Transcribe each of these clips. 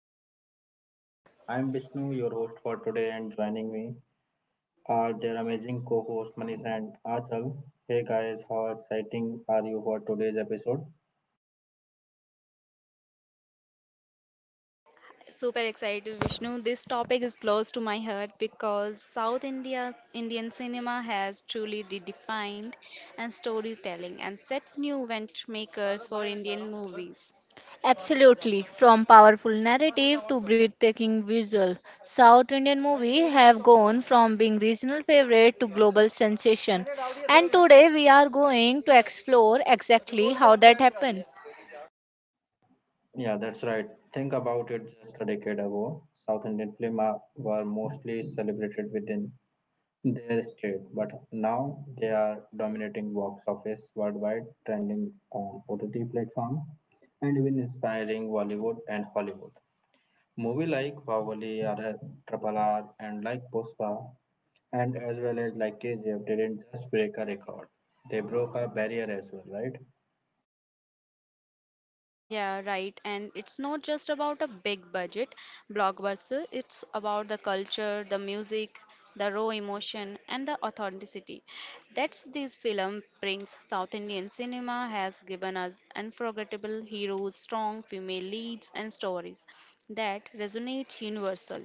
the silver screen. I'm Vishnu, your host for today, and joining me are their amazing co-hosts Manish and Achal. Hey guys, how exciting are you for today's episode? Super excited, Vishnu. This topic is close to my heart because South India Indian cinema has truly redefined and storytelling and set new benchmakers for Indian movies. Absolutely. From powerful narrative to breathtaking visual, South Indian movies have gone from being regional favorite to global sensation. And today we are going to explore exactly how that happened. Yeah, that's right. Think about it. Just a decade ago, South Indian films were mostly celebrated within their state, but now they are dominating box office worldwide, trending on OTT platform, and even inspiring Bollywood and Hollywood. Movie like Bahubali, RR, Triple R, and like Puspa, and as well as like KGF didn't just break a record; they broke a barrier as well, right? Yeah, right. And it's not just about a big budget blockbuster, it's about the culture, the music, the raw emotion, and the authenticity. That's this film brings South Indian cinema has given us unforgettable heroes, strong female leads, and stories that resonate universal.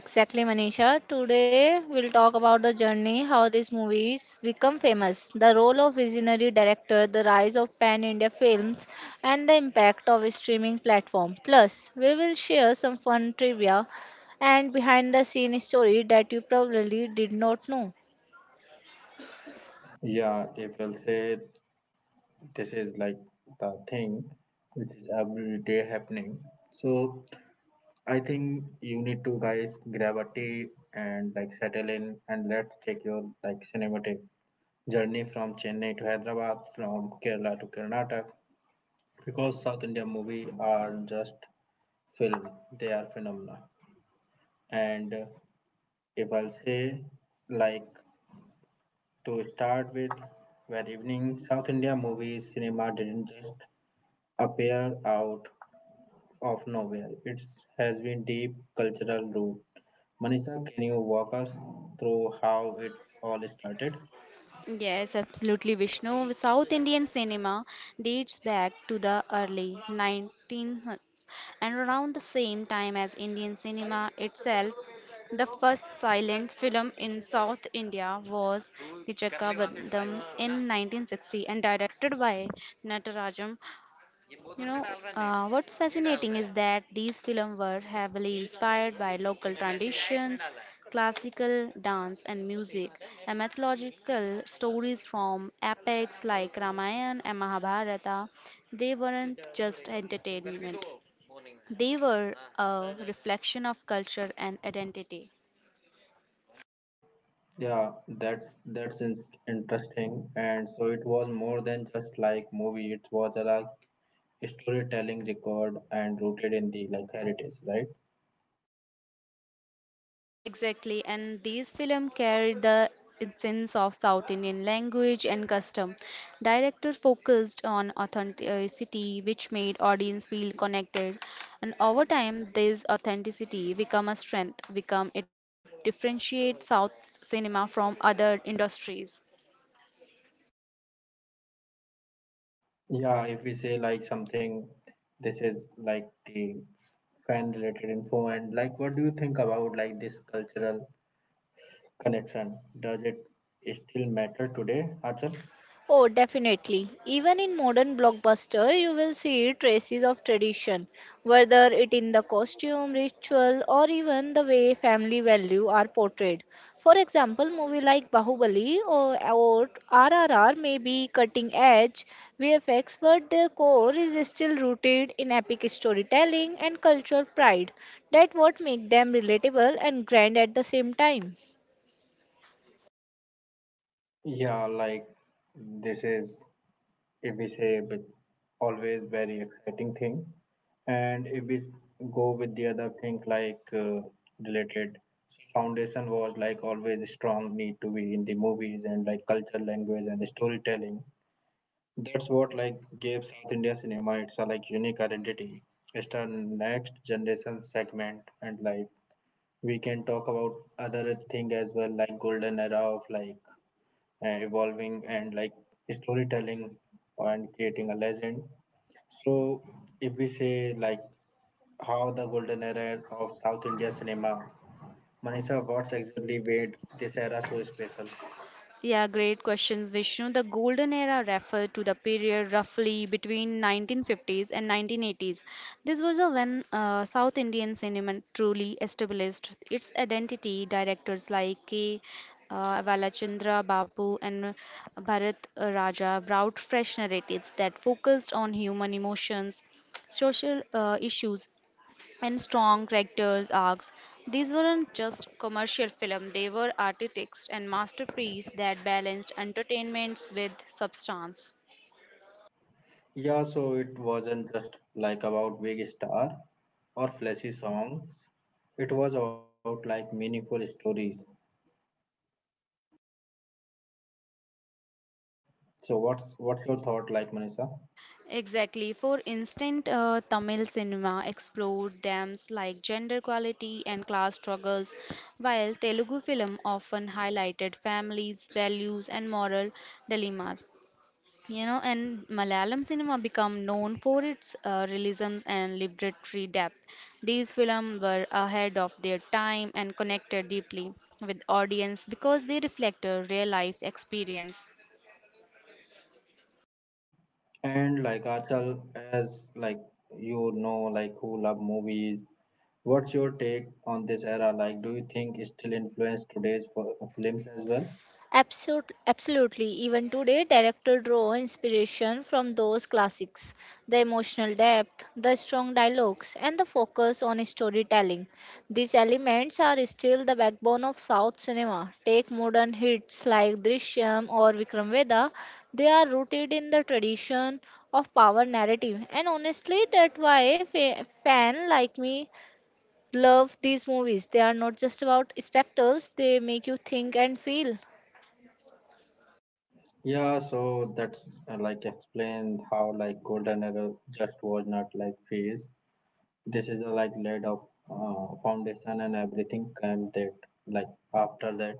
Exactly, Manisha. Today we'll talk about the journey, how these movies become famous, the role of visionary director, the rise of pan India films, and the impact of a streaming platform. Plus, we will share some fun trivia and behind the scene story that you probably did not know. Yeah, if you'll say this is like the thing which is every day happening. So I think you need to guys grab a tea and like settle in and let's take your like cinematic journey from Chennai to Hyderabad, from Kerala to Karnataka. Because South India movie are just film, they are phenomena. And if I'll say like to start with, where evening South India movies cinema didn't just appear out of nowhere. It has been deep cultural root. Manisha, can you walk us through how it's all started? Yes, absolutely, Vishnu. South Indian cinema dates back to the early 1900s and around the same time as Indian cinema itself. The first silent film in South India was Kichaka Bandham in 1960 and directed by Natarajan. You know, what's fascinating is that these films were heavily inspired by local traditions, classical dance and music, and mythological stories from epics like Ramayana and Mahabharata. They weren't just entertainment, they were a reflection of culture and identity. Yeah, that's that's in- Interesting. And so it was more than just like movie. It was a like storytelling record and rooted in the like heritage, right? Exactly, and these films carried the essence of South Indian language and custom. Director focused on authenticity, which made audience feel connected, and over time, this authenticity become a strength, become it differentiates South cinema from other industries. Yeah, if we say like something, this is like the fan related info and like what do you think about like this cultural connection. Does it still matter today, Achal? Oh, definitely. Even in modern blockbuster, you will see traces of tradition, whether it in the costume, ritual, or even the way family value are portrayed. For example, movie like Bahubali or RRR may be cutting edge VFX, but their core is still rooted in epic storytelling and cultural pride. That what make them relatable and grand at the same time. Yeah, like this is, if we say, but always very exciting thing. And if we s- go with the other thing, like related, so foundation was like always strong need to be in the movies and like culture, language, and storytelling. That's what like gave South India cinema its like unique identity. It's a next generation segment and like we can talk about other thing as well, like golden era of like evolving and like storytelling and creating a legend. So if we say like how the golden era of South India cinema, Manisha, what exactly made this era so special? Yeah, great questions, Vishnu. The golden era referred to the period roughly between 1950s and 1980s. This was a when South Indian cinema truly established its identity. Directors like K. Valachandra Bapu and Bharat Raja brought fresh narratives that focused on human emotions, social issues, and strong characters arcs. These weren't just commercial film, they were artistic and masterpieces that balanced entertainments with substance. Yeah, so it wasn't just like about big star or flashy songs. It was about like meaningful stories. So what's your thought like, Manisha? Exactly. For instance, Tamil cinema explored themes like gender equality and class struggles, while Telugu film often highlighted families, values, and moral dilemmas. And Malayalam cinema became known for its realisms and literary depth. These films were ahead of their time and connected deeply with audience because they reflect a real life experience. And like Achal, as like you know, like who love movies, what's your take on this era? Like, do you think it still influenced today's films as well? Absolutely. Even today, directors draw inspiration from those classics. The emotional depth, the strong dialogues, and the focus on storytelling. These elements are still the backbone of South cinema. Take modern hits like Drishyam or Vikram Vedha; they are rooted in the tradition of power narrative. And honestly, that's why fan like me love these movies. They are not just about spectacles, they make you think and feel. Yeah, so that's like explained how like golden era just was not like phase. This is a like laid of foundation and everything came that like after that.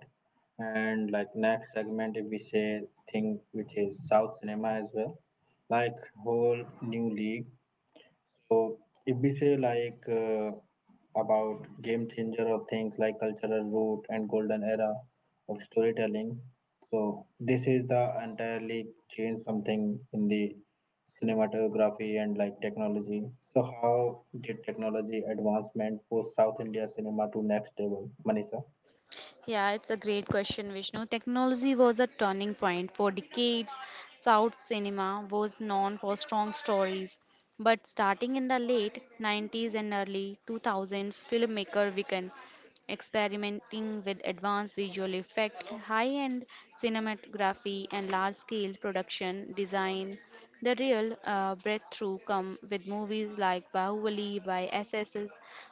And like next segment, if we say thing which is South cinema as well, like whole new league. So if we say like about game changer of things like cultural root and golden era of storytelling, so this is the entirely change something in the cinematography and like technology. So how did technology advancement push South India cinema to next level, Manisha? Yeah, it's a great question, Vishnu. Technology was a turning point for decades. South cinema was known for strong stories, but starting in the late 90s and early 2000s, filmmaker weakened, experimenting with advanced visual effects, high-end cinematography, and large-scale production design. The real breakthrough come with movies like Bahubali by SSS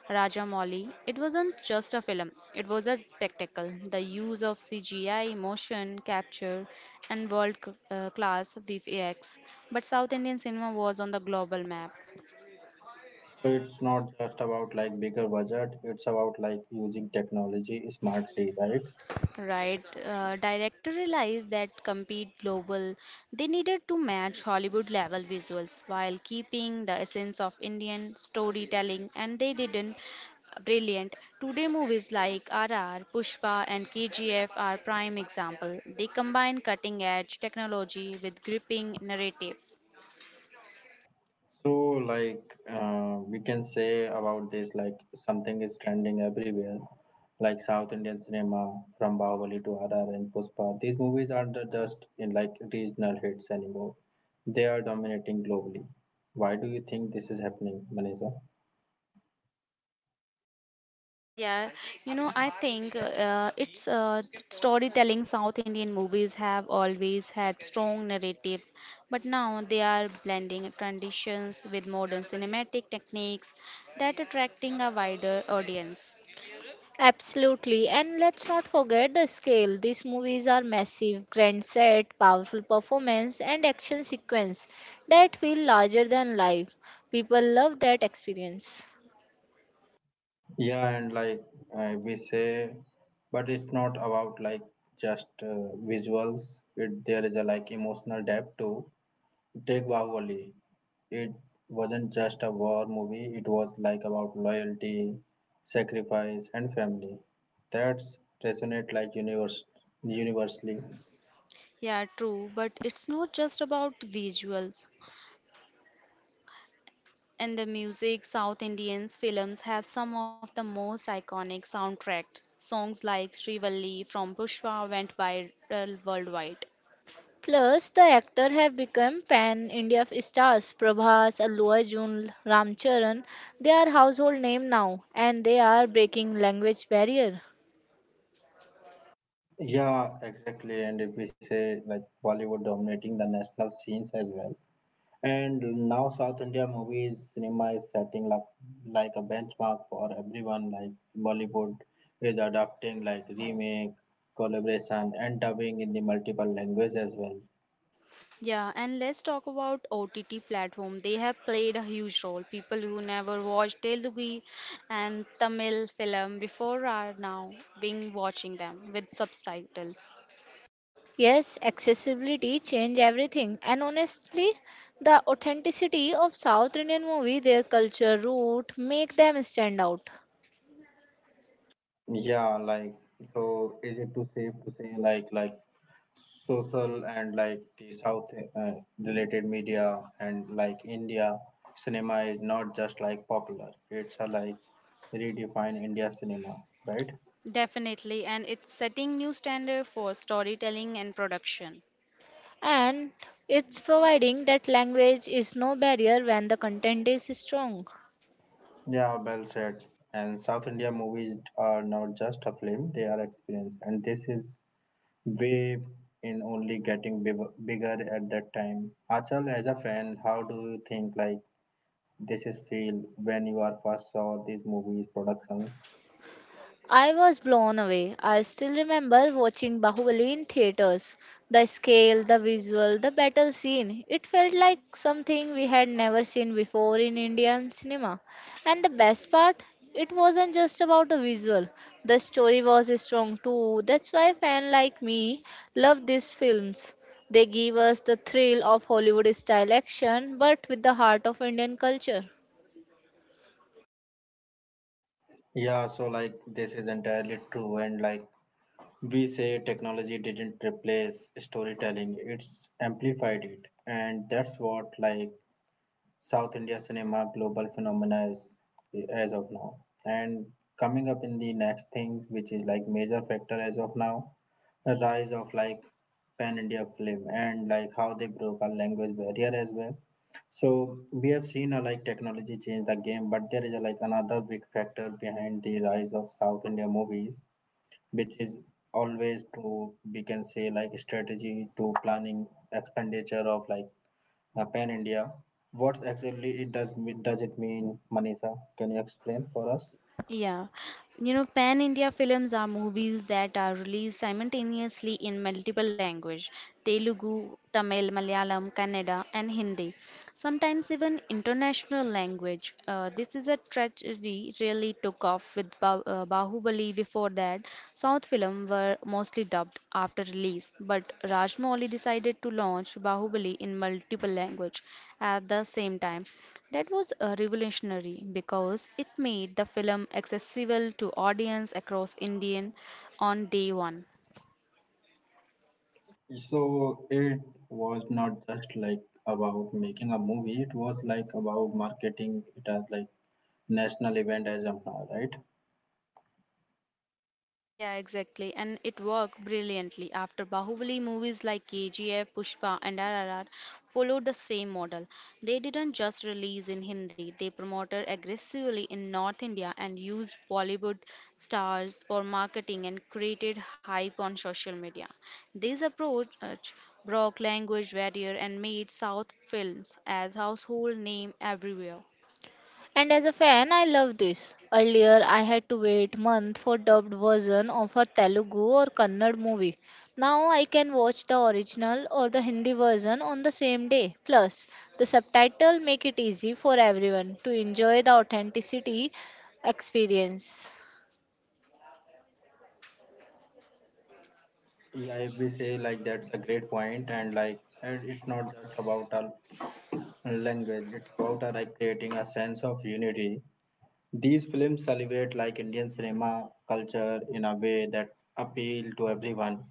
Rajamouli. It wasn't just a film; it was a spectacle. The use of CGI, motion capture, and world-class VFX. But South Indian cinema was on the global map. So it's not just about like bigger budget, it's about like using technology smartly, right? Right. Director realized that compete global, they needed to match Hollywood level visuals while keeping the essence of Indian storytelling, and they didn't. Brilliant. Today, movies like RR, Pushpa, and KGF are prime example. They combine cutting edge technology with gripping narratives. So, like, we can say about this, like, something is trending everywhere, like South Indian cinema from Bahubali to RR and Puspa. These movies aren't just in like regional hits anymore, they are dominating globally. Why do you think this is happening, Manisa? Yeah, I think it's storytelling. South Indian movies have always had strong narratives, but now they are blending traditions with modern cinematic techniques that attracting a wider audience. Absolutely. And let's not forget the scale. These movies are massive, grand set, powerful performance, and action sequence that feel larger than life. People love that experience. Yeah, and like we say, but it's not about like just visuals, it, there is a like emotional depth too. Take Degbawoli. It wasn't just a war movie, it was like about loyalty, sacrifice, and family. That's resonate like universally. Yeah, true, but it's not just about visuals. And the music, South Indians films have some of the most iconic soundtracks. Songs like Srivalli from Pushpa went viral worldwide. Plus, the actors have become pan-India stars. Prabhas, Allu Arjun, Ramcharan, they are household name now, and they are breaking language barrier. Yeah, exactly. And if we say like Bollywood dominating the national scenes as well. And now South India movies cinema is setting up like a benchmark for everyone. Like Bollywood is adapting like remake, collaboration, and dubbing in the multiple language as well. Yeah, and let's talk about OTT platform. They have played a huge role. People who never watched Telugu and Tamil film before are now being watching them with subtitles. Yes, accessibility change everything. And honestly, the authenticity of South Indian movie, their culture, root, make them stand out. Yeah, like so is it too safe to say like social and like the South uh, related media and like India cinema is not just like popular. It's a like redefine India cinema, right? Definitely, and it's setting new standard for storytelling and production. And it's providing that language is no barrier when the content is strong. Yeah, well said. And South India movies are not just a film, they are experience. And this is way in only getting bigger at that time. Achal, as a fan, how do you think like this is feel when you are first saw these movies productions. I was blown away. I still remember watching Bahubali in theaters. The scale, the visual, the battle scene, it felt like something we had never seen before in Indian cinema. And the best part, it wasn't just about the visual. The story was strong too. That's why fans like me love these films. They give us the thrill of Hollywood style action but with the heart of Indian culture. Yeah, so like this is entirely true, and like we say, technology didn't replace storytelling; it's amplified it, and that's what like South India cinema global phenomena is as of now. And coming up in the next thing, which is like major factor as of now, the rise of like pan India film and like how they broke our language barrier as well. So we have seen a like technology change the game, but there is a like another big factor behind the rise of South India movies, which is always to we can say like strategy to planning expenditure of like Pan India. What exactly does it mean, Manisha? Can you explain for us? Yeah, Pan-India films are movies that are released simultaneously in multiple languages, Telugu, Tamil, Malayalam, Kannada, and Hindi, sometimes even international language. This is a tragedy really took off with ba Bahubali. Before that, South films were mostly dubbed after release, but Rajmouli decided to launch Bahubali in multiple language at the same time. That was revolutionary because it made the film accessible to audience across Indian on day one. So it was not just like about making a movie, it was like about marketing it as like national event as of now, right? Yeah, exactly. And it worked brilliantly after Bahubali movies like KGF, Pushpa, and RRR followed the same model. They didn't just release in Hindi, they promoted aggressively in North India and used Bollywood stars for marketing and created hype on social media. This approach broke language barrier and made South films as household name everywhere. And as a fan, I love this. Earlier, I had to wait month for dubbed version of a Telugu or Kannada movie. Now I can watch the original or the Hindi version on the same day. Plus, the subtitle make it easy for everyone to enjoy the authenticity experience. Yeah, if we say like that's a great point and like and it's not just about a language, it's about like creating a sense of unity. These films celebrate like Indian cinema culture in a way that appeal to everyone.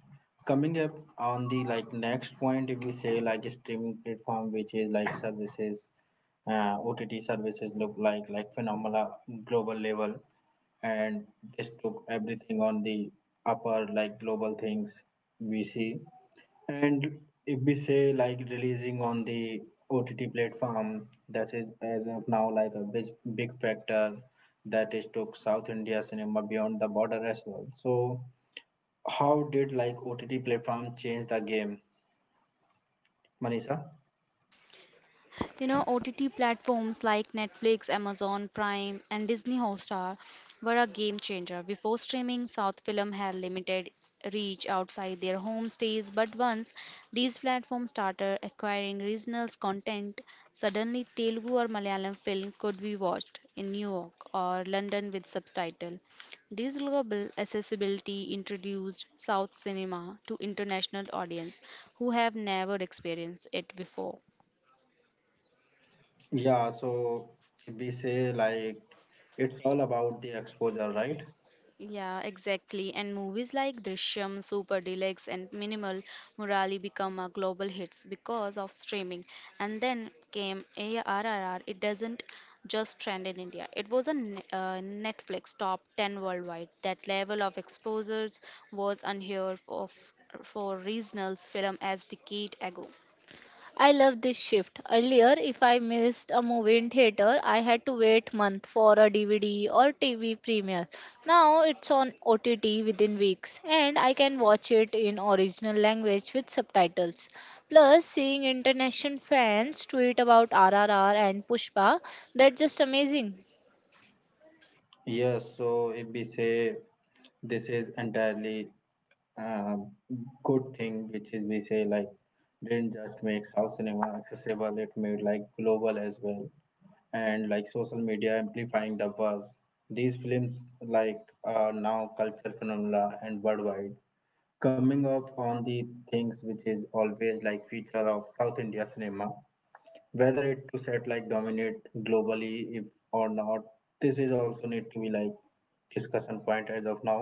Coming up on the like next point, if we say like streaming platform, which is like services, OTT services look like phenomena global level, and this took everything on the upper like global things we see and if we say like releasing on the OTT platform, that is as of now like a big factor that is took South India cinema beyond the border as well. So how did like OTT platform change the game, Manisha? OTT platforms like Netflix, Amazon Prime, and Disney Hotstar were a game changer. Before streaming, South film had limited reach outside their home states, but once these platforms started acquiring regional content, suddenly Telugu or Malayalam film could be watched in New York or London with subtitle. This global accessibility introduced South cinema to international audience who have never experienced it before. Yeah, so if we say like it's all about the exposure, right? Yeah, exactly. And movies like Drishyam, Super Deluxe, and Minimal Murali become a global hits because of streaming. And then came ARRR. It doesn't just trend in India. It was a Netflix top 10 worldwide. That level of exposures was unheard of for regional film as decade ago. I love this shift. Earlier, if I missed a movie in theater, I had to wait month for a DVD or TV premiere. Now it's on OTT within weeks and I can watch it in original language with subtitles. Plus, seeing international fans tweet about RRR and Pushpa, that's just amazing. Yes, so if we say this is entirely uh, good thing, which is we say like didn't just make South cinema accessible, it made like global as well, and like social media amplifying the buzz. These films like are now culture phenomena and worldwide. Coming off on the things which is always like feature of South India cinema, whether it to set like dominate globally if or not this is also need to be like discussion point as of now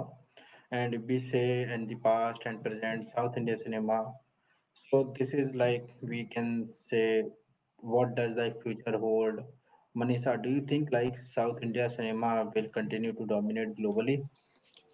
and if we say and the past and present South Indian cinema, so this is like we can say what does the future hold, Manisha? Do you think like South India cinema will continue to dominate globally?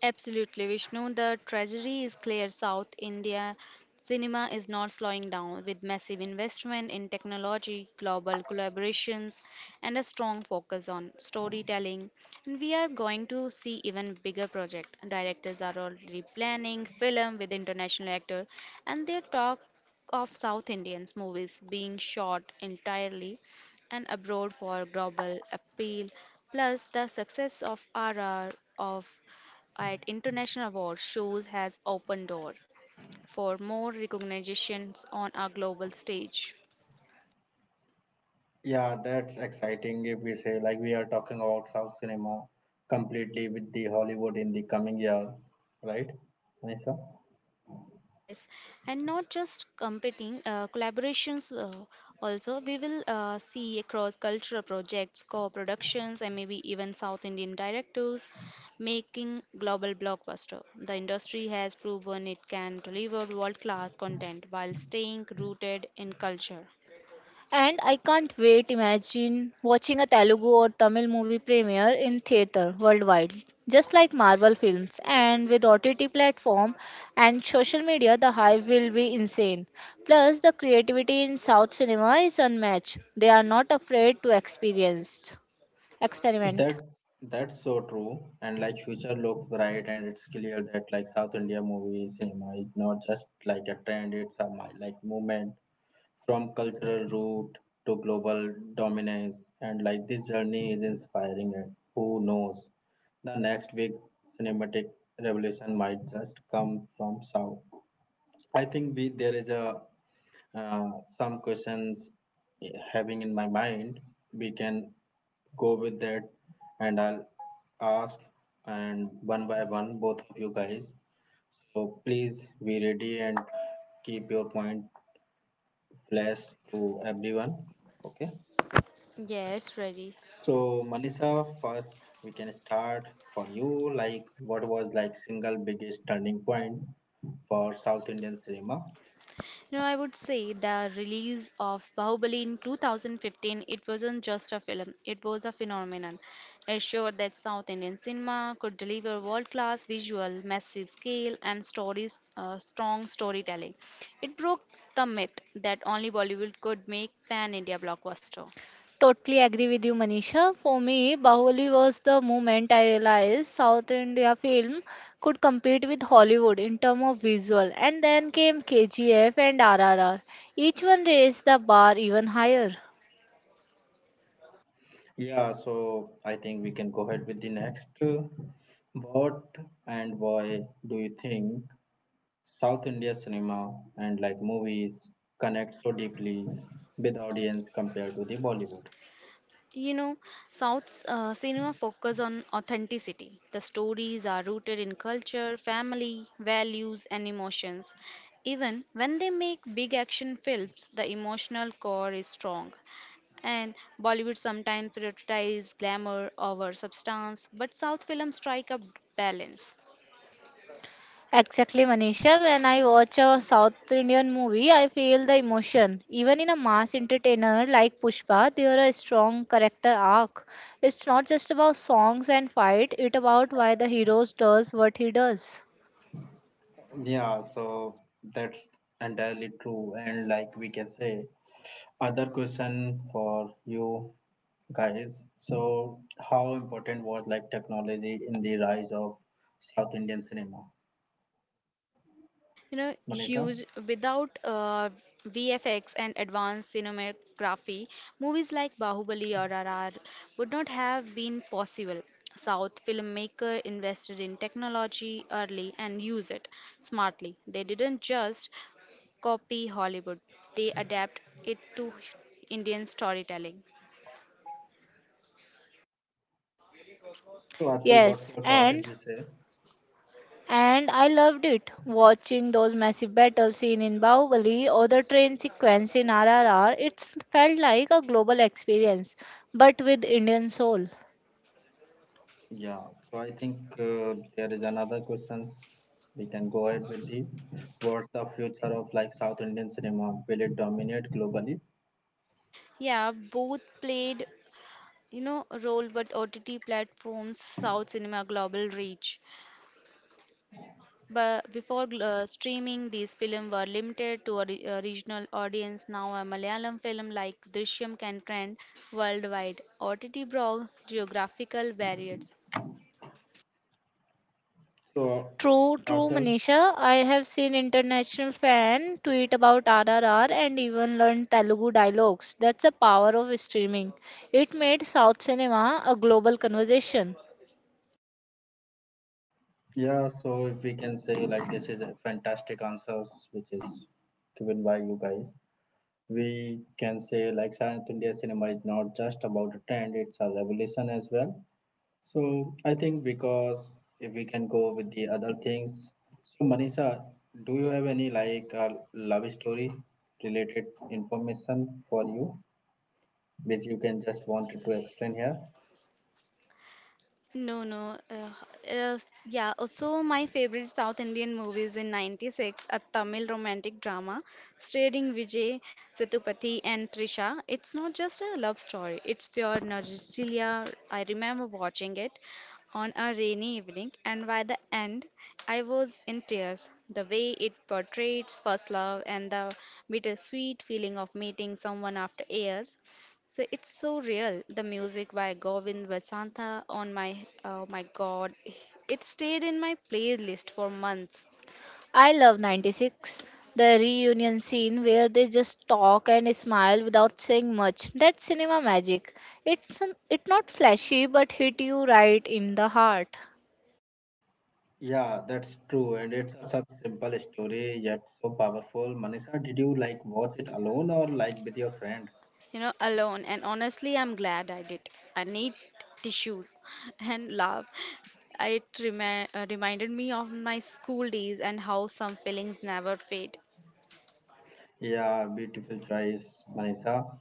Absolutely, Vishnu. The tragedy is clear. South India cinema is not slowing down with massive investment in technology, global collaborations, and a strong focus on storytelling. And we are going to see even bigger project. Directors are already planning film with international actor, and they talk of South Indians movies being shot entirely and abroad for global appeal. Plus, the success of RR of at international award shows has opened door for more recognitions on a global stage. Yeah, that's exciting if we say like we are talking about south cinema completely with the Hollywood in the coming year, right, Manisha? Yes, and not just competing, collaborations also. We will see across cultural projects, co productions, and maybe even South Indian directors making global blockbuster. The industry has proven it can deliver world class content while staying rooted in culture. And I can't wait imagine watching a Telugu or Tamil movie premiere in theater worldwide. Just like Marvel films and with OTT platform and social media the hype will be insane. Plus the creativity in South cinema is unmatched. They are not afraid to experience experiment. That's so true. And like future looks bright, and it's clear that like South India movie cinema is not just like a trend; it's a like movement from cultural root to global dominance. And like this journey is inspiring. And who knows, the next big cinematic revolution might just come from South. I think we there is a uh, some questions having in my mind. We can go with that, and I'll ask and one by one both of you guys. So please be ready and keep your point flash to everyone. Okay. Yes, ready. So Manisha, first we can start for you. Like, what was like single biggest turning point for South Indian cinema? No, I would say the release of Bahubali in 2015, it wasn't just a film, it was a phenomenon. It showed that South Indian cinema could deliver world class visual, massive scale, and stories, strong storytelling. It broke the myth that only Bollywood could make pan India blockbuster. Totally agree with you, Manisha. For me, Bahubali was the moment I realized South India film could compete with Hollywood in terms of visual. And then came KGF and RRR. Each one raised the bar even higher. Yeah, so I think we can go ahead with the next. What and why do you think South India cinema and like movies connect so deeply with audience compared to the Bollywood? You know, South cinema focus on authenticity. The stories are rooted in culture, family, values, and emotions. Even when they make big action films, the emotional core is strong. And Bollywood sometimes prioritizes glamour over substance, but South films strike a balance. Exactly, Manisha. When I watch a South Indian movie, I feel the emotion. Even in a mass entertainer like Pushpa, there are a strong character arc. It's not just about songs and fight, it's about why the hero does what he does. Yeah, so that's entirely true. And like we can say, other question for you guys. So how important was like technology in the rise of South Indian cinema? You know, Manisha? huge without VFX and advanced cinematography, movies like Bahubali or RRR would not have been possible. South filmmaker invested in technology early and used it smartly. They didn't just copy Hollywood, they adapt it to Indian storytelling. So, Atul, what's Yes, your thought if and we say? And I loved it, watching those massive battle scenes in Bahubali or the train sequence in RRR. It felt like a global experience, but with Indian soul. Yeah. So I think there is another questions we can go ahead with the what's the future of like South Indian cinema? Will it dominate globally? Yeah, both played, you know, a role, but OTT platforms, South cinema global reach. But before streaming, these films were limited to a, a regional audience. Now, a Malayalam film like Drishyam can trend worldwide. OTT brought geographical barriers. So, True, true, Atul, Manisha. I have seen international fan tweet about RRR and even learned Telugu dialogues. That's the power of streaming. It made South cinema a global conversation. yeah. So if we can say like this is a fantastic answers which is given by you guys. We can say like South India cinema is not just about a trend; it's a revolution as well. So I think because if we can go with the other things. So Manisha, do you have any like love story related information for you, which you can just wanted to explain here? No, no. Uh, yeah, also my favorite South Indian movies in 96, a Tamil romantic drama starring Vijay Sethupathi and Trisha. It's not just a love story, it's pure nostalgia. I remember watching it on a rainy evening, and by the end, I was in tears. The way it portrays first love and the bittersweet feeling of meeting someone after years, so it's so real. The music by Govind Vasantha, on my oh my god, it stayed in my playlist for months. I love 96, the reunion scene where they just talk and smile without saying much. That's cinema magic. It's not flashy but hit you right in the heart. Yeah, that's true, and it's a such simple story yet so powerful. Manisha, did you like watch it alone or like with your friend? Alone. And honestly, I'm glad I did. I need tissues and love. It reminded me of my school days and how some feelings never fade. Yeah, beautiful choice, Manisha.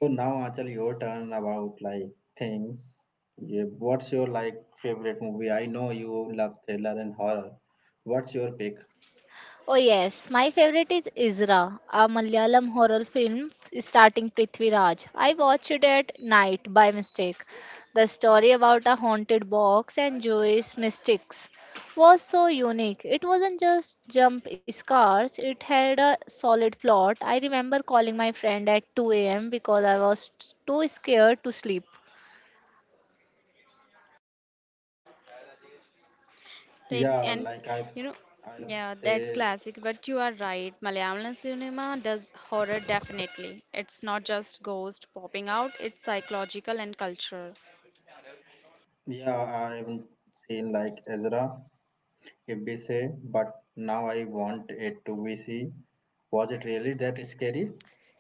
So now actually your turn about like things. Yeah, what's your like favorite movie? I know you love thriller and horror. What's your pick? Oh yes, my favorite is Isra, a Malayalam horror film starting Prithvi Raj. I watched it at night by mistake. The story about a haunted box and Jewish mystics was so unique. It wasn't just jump scares, it had a solid plot. I remember calling my friend at 2 a.m. because I was too scared to sleep. Right, Yeah, and like I've you know, I've yeah, that's say, classic, but you are right. Malayalam cinema does horror definitely. It's not just ghost popping out, it's psychological and cultural. yeah, I haven't seen like Ezra if we say, but now I want it to be see. Was it really that scary?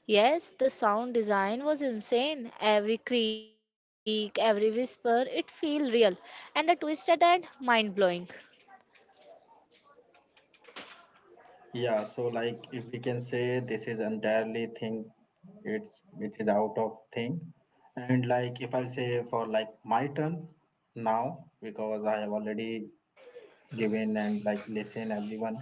Yes, the sound design was insane. Every creak, every whisper, it feel real. And the twist at the end, mind blowing. Yeah, so like if we can say this is entirely thing, it is out of thing, and like if I'll say for like my turn now because I have already given and like listen everyone.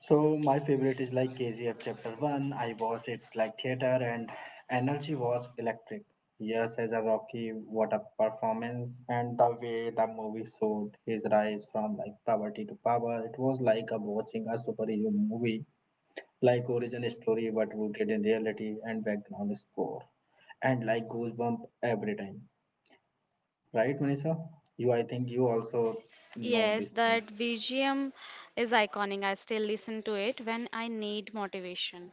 So my favorite is like KGF chapter one. I watched it like theater and energy was electric. Yes, as a Rocky, what a performance and the way the movie showed his rise from like poverty to power. It was like a watching a superhero movie like origin story but rooted in reality and background score and like goosebump every time, right Manisha? You, I think you also know Yes, this thing. that VGM is iconic. I still listen to it when I need motivation.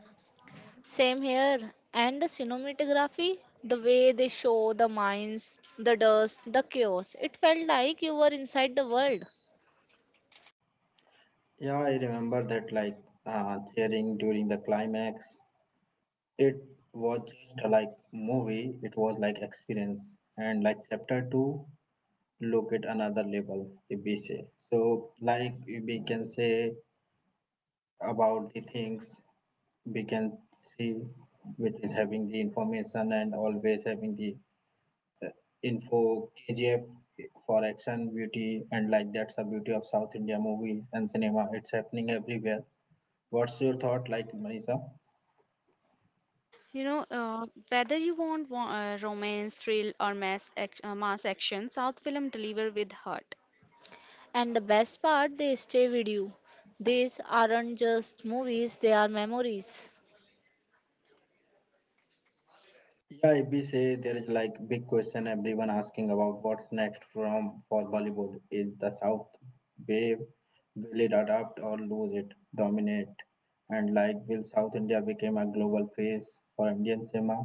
Same here. And the cinematography, the way they show the mines, the dust, the chaos, it felt like you were inside the world. Yeah, I remember that like cheering during the climax. It was just a, like movie, it was like experience and like chapter 2 look at another level if we say. So like we can say about the things we can see which is having the information and always having the info KGF for action beauty and like that's the beauty of South India movies and cinema. It's happening everywhere. What's your thought, like Manisha? Whether you want romance, thrill, or mass action, South film deliver with heart. And the best part, they stay with you. These aren't just movies, they are memories. Yeah, if we say there is like big question everyone asking about what's next from for Bollywood. Is the South wave, will it adapt or lose it, dominate? And like will South India become a global face for Indian cinema?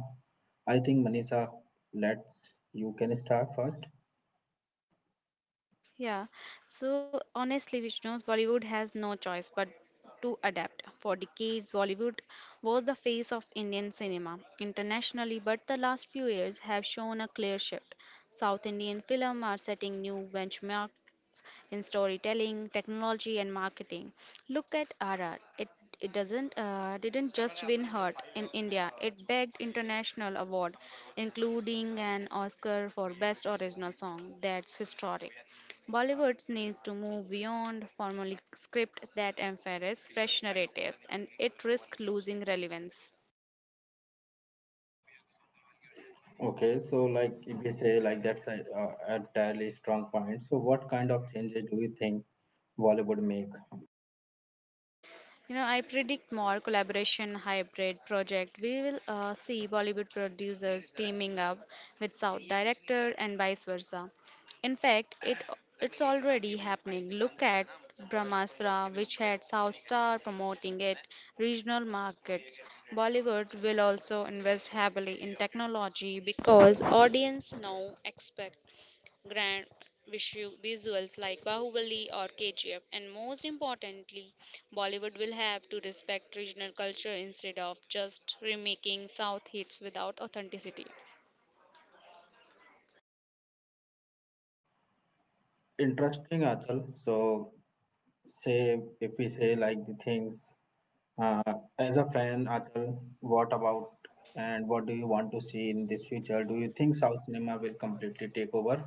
I think Manisha, let's, you can start first. Yeah, so honestly, Vishnu, Bollywood has no choice but to adapt. For decades, Bollywood was the face of Indian cinema internationally, but the last few years have shown a clear shift. South Indian films are setting new benchmarks in storytelling, technology, and marketing. Look at RR. It doesn't didn't just win heart in India. It bagged international award, including an Oscar for best original song. That's historic. Bollywood needs to move beyond formulaic script that emphasize fresh narratives, and it risks losing relevance. Okay, so like if we say like that's a entirely strong point. So what kind of changes do you think Bollywood make? I predict more collaboration hybrid project. We will see Bollywood producers teaming up with South director and vice versa. In fact, it's already happening. Look at Brahmastra, which had South Star promoting it regional markets. Bollywood will also invest heavily in technology because audience now expect grand visuals like Bahubali or KGF, and most importantly, Bollywood will have to respect regional culture instead of just remaking South hits without authenticity. Interesting, Achal. So say if we say like the things, uh, as a fan Achal, what about, and what do you want to see in this future? Do you think south cinema will completely take over?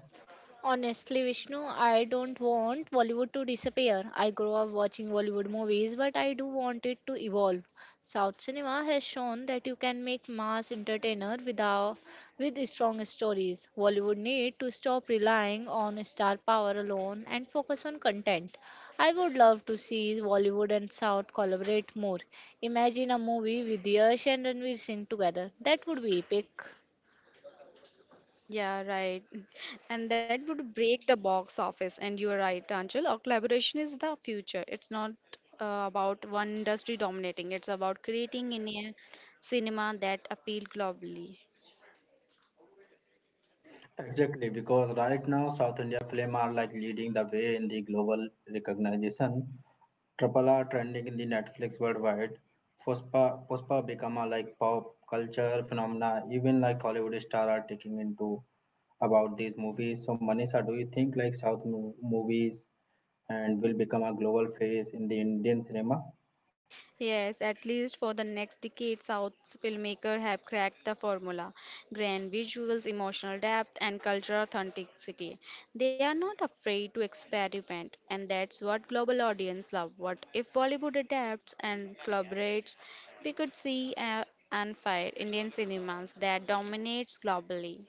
Honestly, Vishnu, I don't want Bollywood to disappear. I grew up watching Bollywood movies, but I do want it to evolve. South cinema has shown that you can make mass entertainer without with strong stories. Bollywood need to stop relying on star power alone and focus on content. I would love to see Bollywood and South collaborate more. Imagine a movie with Yash and Ranveer Singh together. That would be epic. Yeah, right. And that would break the box office. And you are right, Anjal. Our collaboration is the future. It's not about one industry dominating, it's about creating Indian cinema that appeal globally. Exactly, because right now South India film are like leading the way in the global recognition, triple R trending in the Netflix worldwide. Puspa, Puspa become a like pop culture phenomena, even like Hollywood star are taking into about these movies. So Manisha, do you think like south movies and will become a global face in the Indian cinema? Yes, at least for the next decade, South filmmakers have cracked the formula. Grand visuals, emotional depth, and cultural authenticity. They are not afraid to experiment, and that's what global audience love. What if Bollywood adapts and collaborates? We could see and fight Indian cinemas that dominates globally.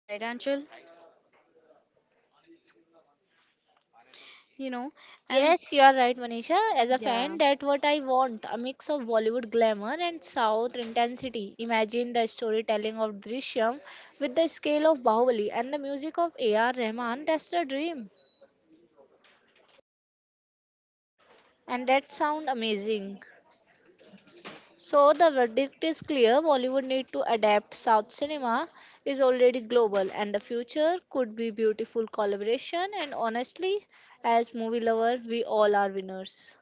Right, Anshul? You know, and Yes, you are right, Manisha. As a fan, yeah. that's what I want a mix of Bollywood glamour and South intensity. Imagine the storytelling of Drishyam with the scale of Bahubali and the music of A.R. Rahman. That's the dream. And that sounds amazing. So, the verdict is clear Bollywood need to adapt. South cinema is already global, and the future could be beautiful collaboration. And honestly, as movie lover, we all are winners.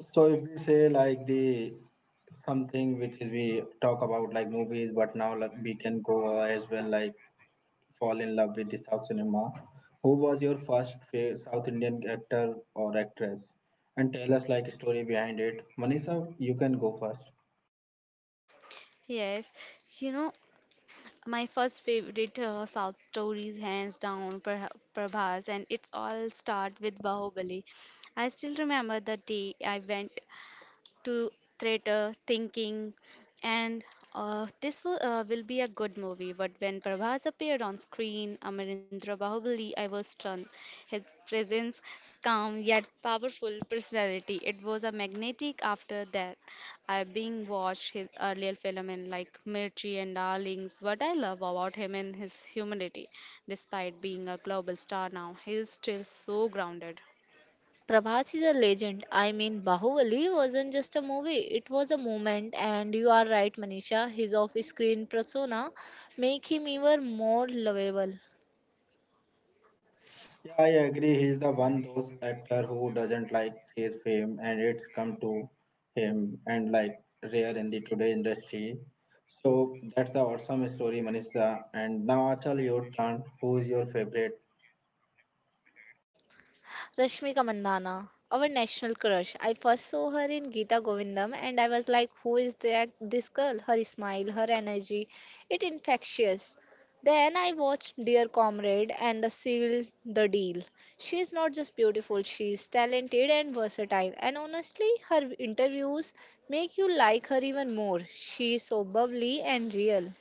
So if we say like the something which is we talk about like movies, but now like we can go as well like fall in love with the South cinema. Who was your first South Indian actor or actress? And tell us like story behind it. Manisha, you can go first. Yes, you know, my first favorite South stories, hands down, Prabhas, and it's all start with Bahubali. I still remember the day I went to theater thinking and this will be a good movie, but when Prabhas appeared on screen Amarendra Bahubali I was stunned. His presence, calm yet powerful personality, it was a magnetic. After that I being watched his earlier film in like Mirchi and Darlings. What I love about him and his humanity, despite being a global star now he is still so grounded. Prabhas is a legend. I mean, Bahubali wasn't just a movie, it was a moment. And you are right, Manisha, his off screen persona make him even more lovable. Yeah, I agree. He's the one those actor who doesn't like his fame and it's come to him, and like rare in the today industry. So that's the awesome story, Manisha. And now Achal, your turn. Who is your favorite? Rashmika Mandana, our national crush. I first saw her in Geeta Govindam and I was like, who is that? This girl, her smile, her energy, it infectious. Then I watched Dear Comrade and the Seal the Deal. She is not just beautiful, she is talented and versatile. And honestly, her interviews make you like her even more. She is so bubbly and real.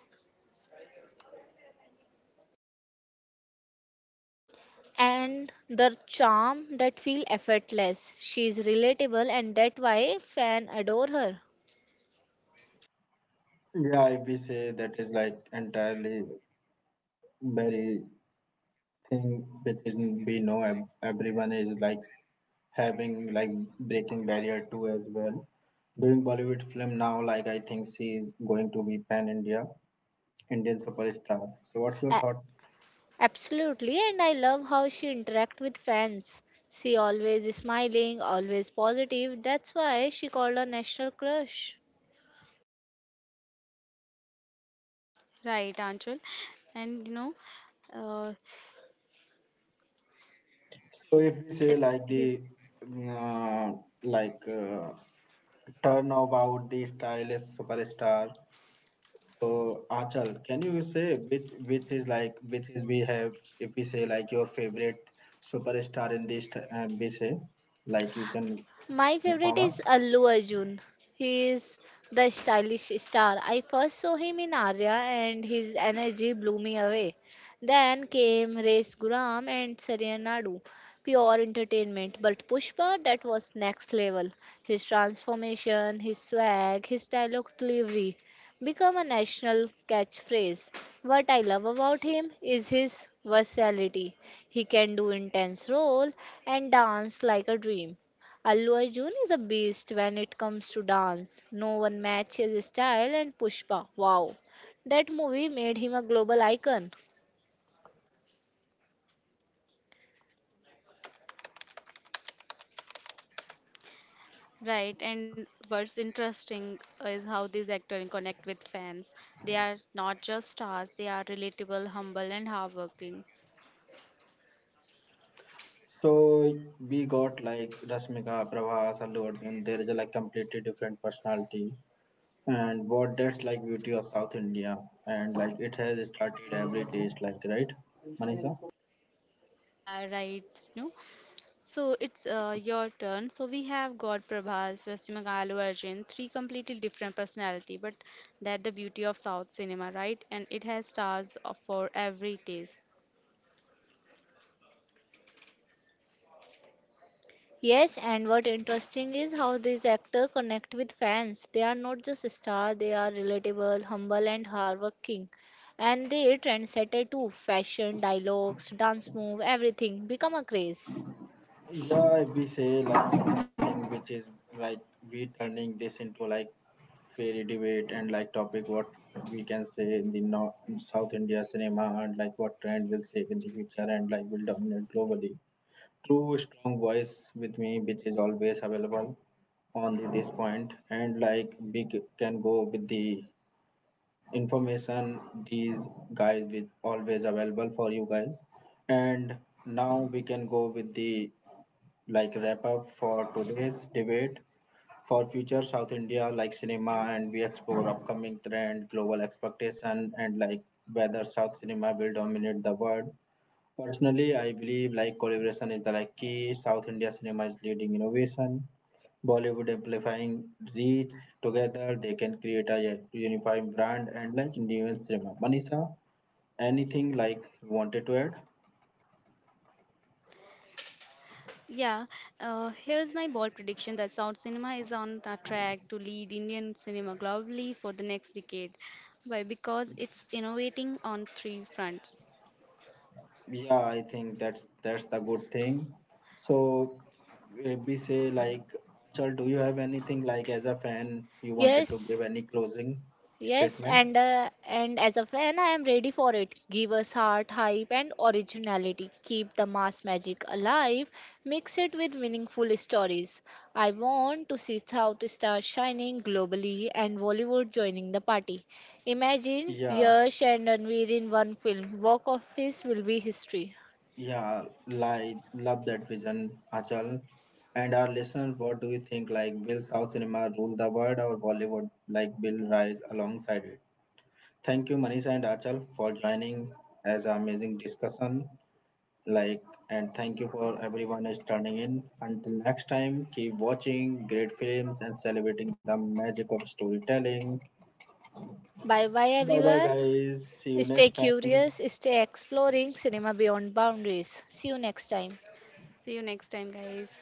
And the charm that feel effortless. She is relatable and that why fan adore her. Yeah, if we say that is like entirely very thing which is we know everyone is like having like breaking barrier too as well. Doing Bollywood film now, like I think she is going to be pan India Indian superstar. So, what's your A- thought? Absolutely, and I love how she interact with fans. She always is smiling, always positive. That's why she called her national crush. Right, Anchal? And you know uh, So, if we Uh, say like He's the uh, like uh, turn about the stylish superstar, so Achal, can you say which is like which is we have if we say like your favorite superstar in this we say like you can My favorite inform us. is Allu Arjun. He is the stylish star. I first saw him in Arya and his energy blew me away. Then came Race Guram and Saria Nadu. Pure entertainment. But Pushpa, that was next level. His transformation, his swag, his dialogue delivery become a national catchphrase. What I love about him is his versatility. He can do intense role and dance like a dream. Allu Arjun is a beast when it comes to dance. No one matches his style and Pushpa. Wow. That movie made him a global icon. Right, and what's interesting is how these actors connect with fans. They are not just stars; they are relatable, humble, and hardworking. So we got like Rashmika, Prabhas, Allu Arjun. There is a like completely different personality, and what that's like beauty of South India, and like it has started every taste, like right Manisha? Yeah, right. No, so it's your turn. So we have got Prabhas, Rasimakalu, Arjun, three completely different personality, but that the beauty of South cinema, right? And it has stars of- for every taste. Yes, and what interesting is how these actors connect with fans. They are not just stars, they are relatable, humble and hardworking. And they trendsetter too. Fashion, dialogues, dance move, everything become a craze. Yeah, if we say like something which is like we turning this into like fairy debate and like topic what we can say in the North, South India cinema, and like what trend will shape in the future and like will dominate globally. True strong voice with me which is always available on the, this point, and like we can go with the information. These guys with always available for you guys, and now we can go with the like wrap up for today's debate for future south india like cinema, and we explore upcoming trend, global expectation, and like whether south cinema will dominate the world. Personally, I believe like collaboration is the like key. South India cinema is leading innovation. Bollywood amplifying reach. Together, they can create a unifying brand and like Indian cinema. Manisha, anything like you wanted to add? Yeah, here's my bold prediction that South cinema is on a track to lead Indian cinema globally for the next decade. Why? Because it's innovating on three fronts. Yeah, I think that's the good thing. So, if we say like, Chal, do you have anything like as a fan you wanted to Yes, give any closing Yes, statement? and uh, and as a fan, I am ready for it. Give us heart, hype, and originality. Keep the mass magic alive. Mix it with meaningful stories. I want to see South stars shining globally and Bollywood joining the party. Imagine Yeah. Yash and Ranveer in one film. Walk of Face will be history. Yeah, like love that vision, Achal. And our listeners, what do you think? Like, will South cinema rule the world or Bollywood? Like, will rise alongside it? Thank you, Manisha and Achal, for joining as an amazing discussion. Like, and thank you for everyone is turning in. Until next time, keep watching great films and celebrating the magic of storytelling. Bye bye Bye bye, everyone. guys. See you Stay next time. curious, stay exploring cinema beyond boundaries. See you next time. See you next time, guys.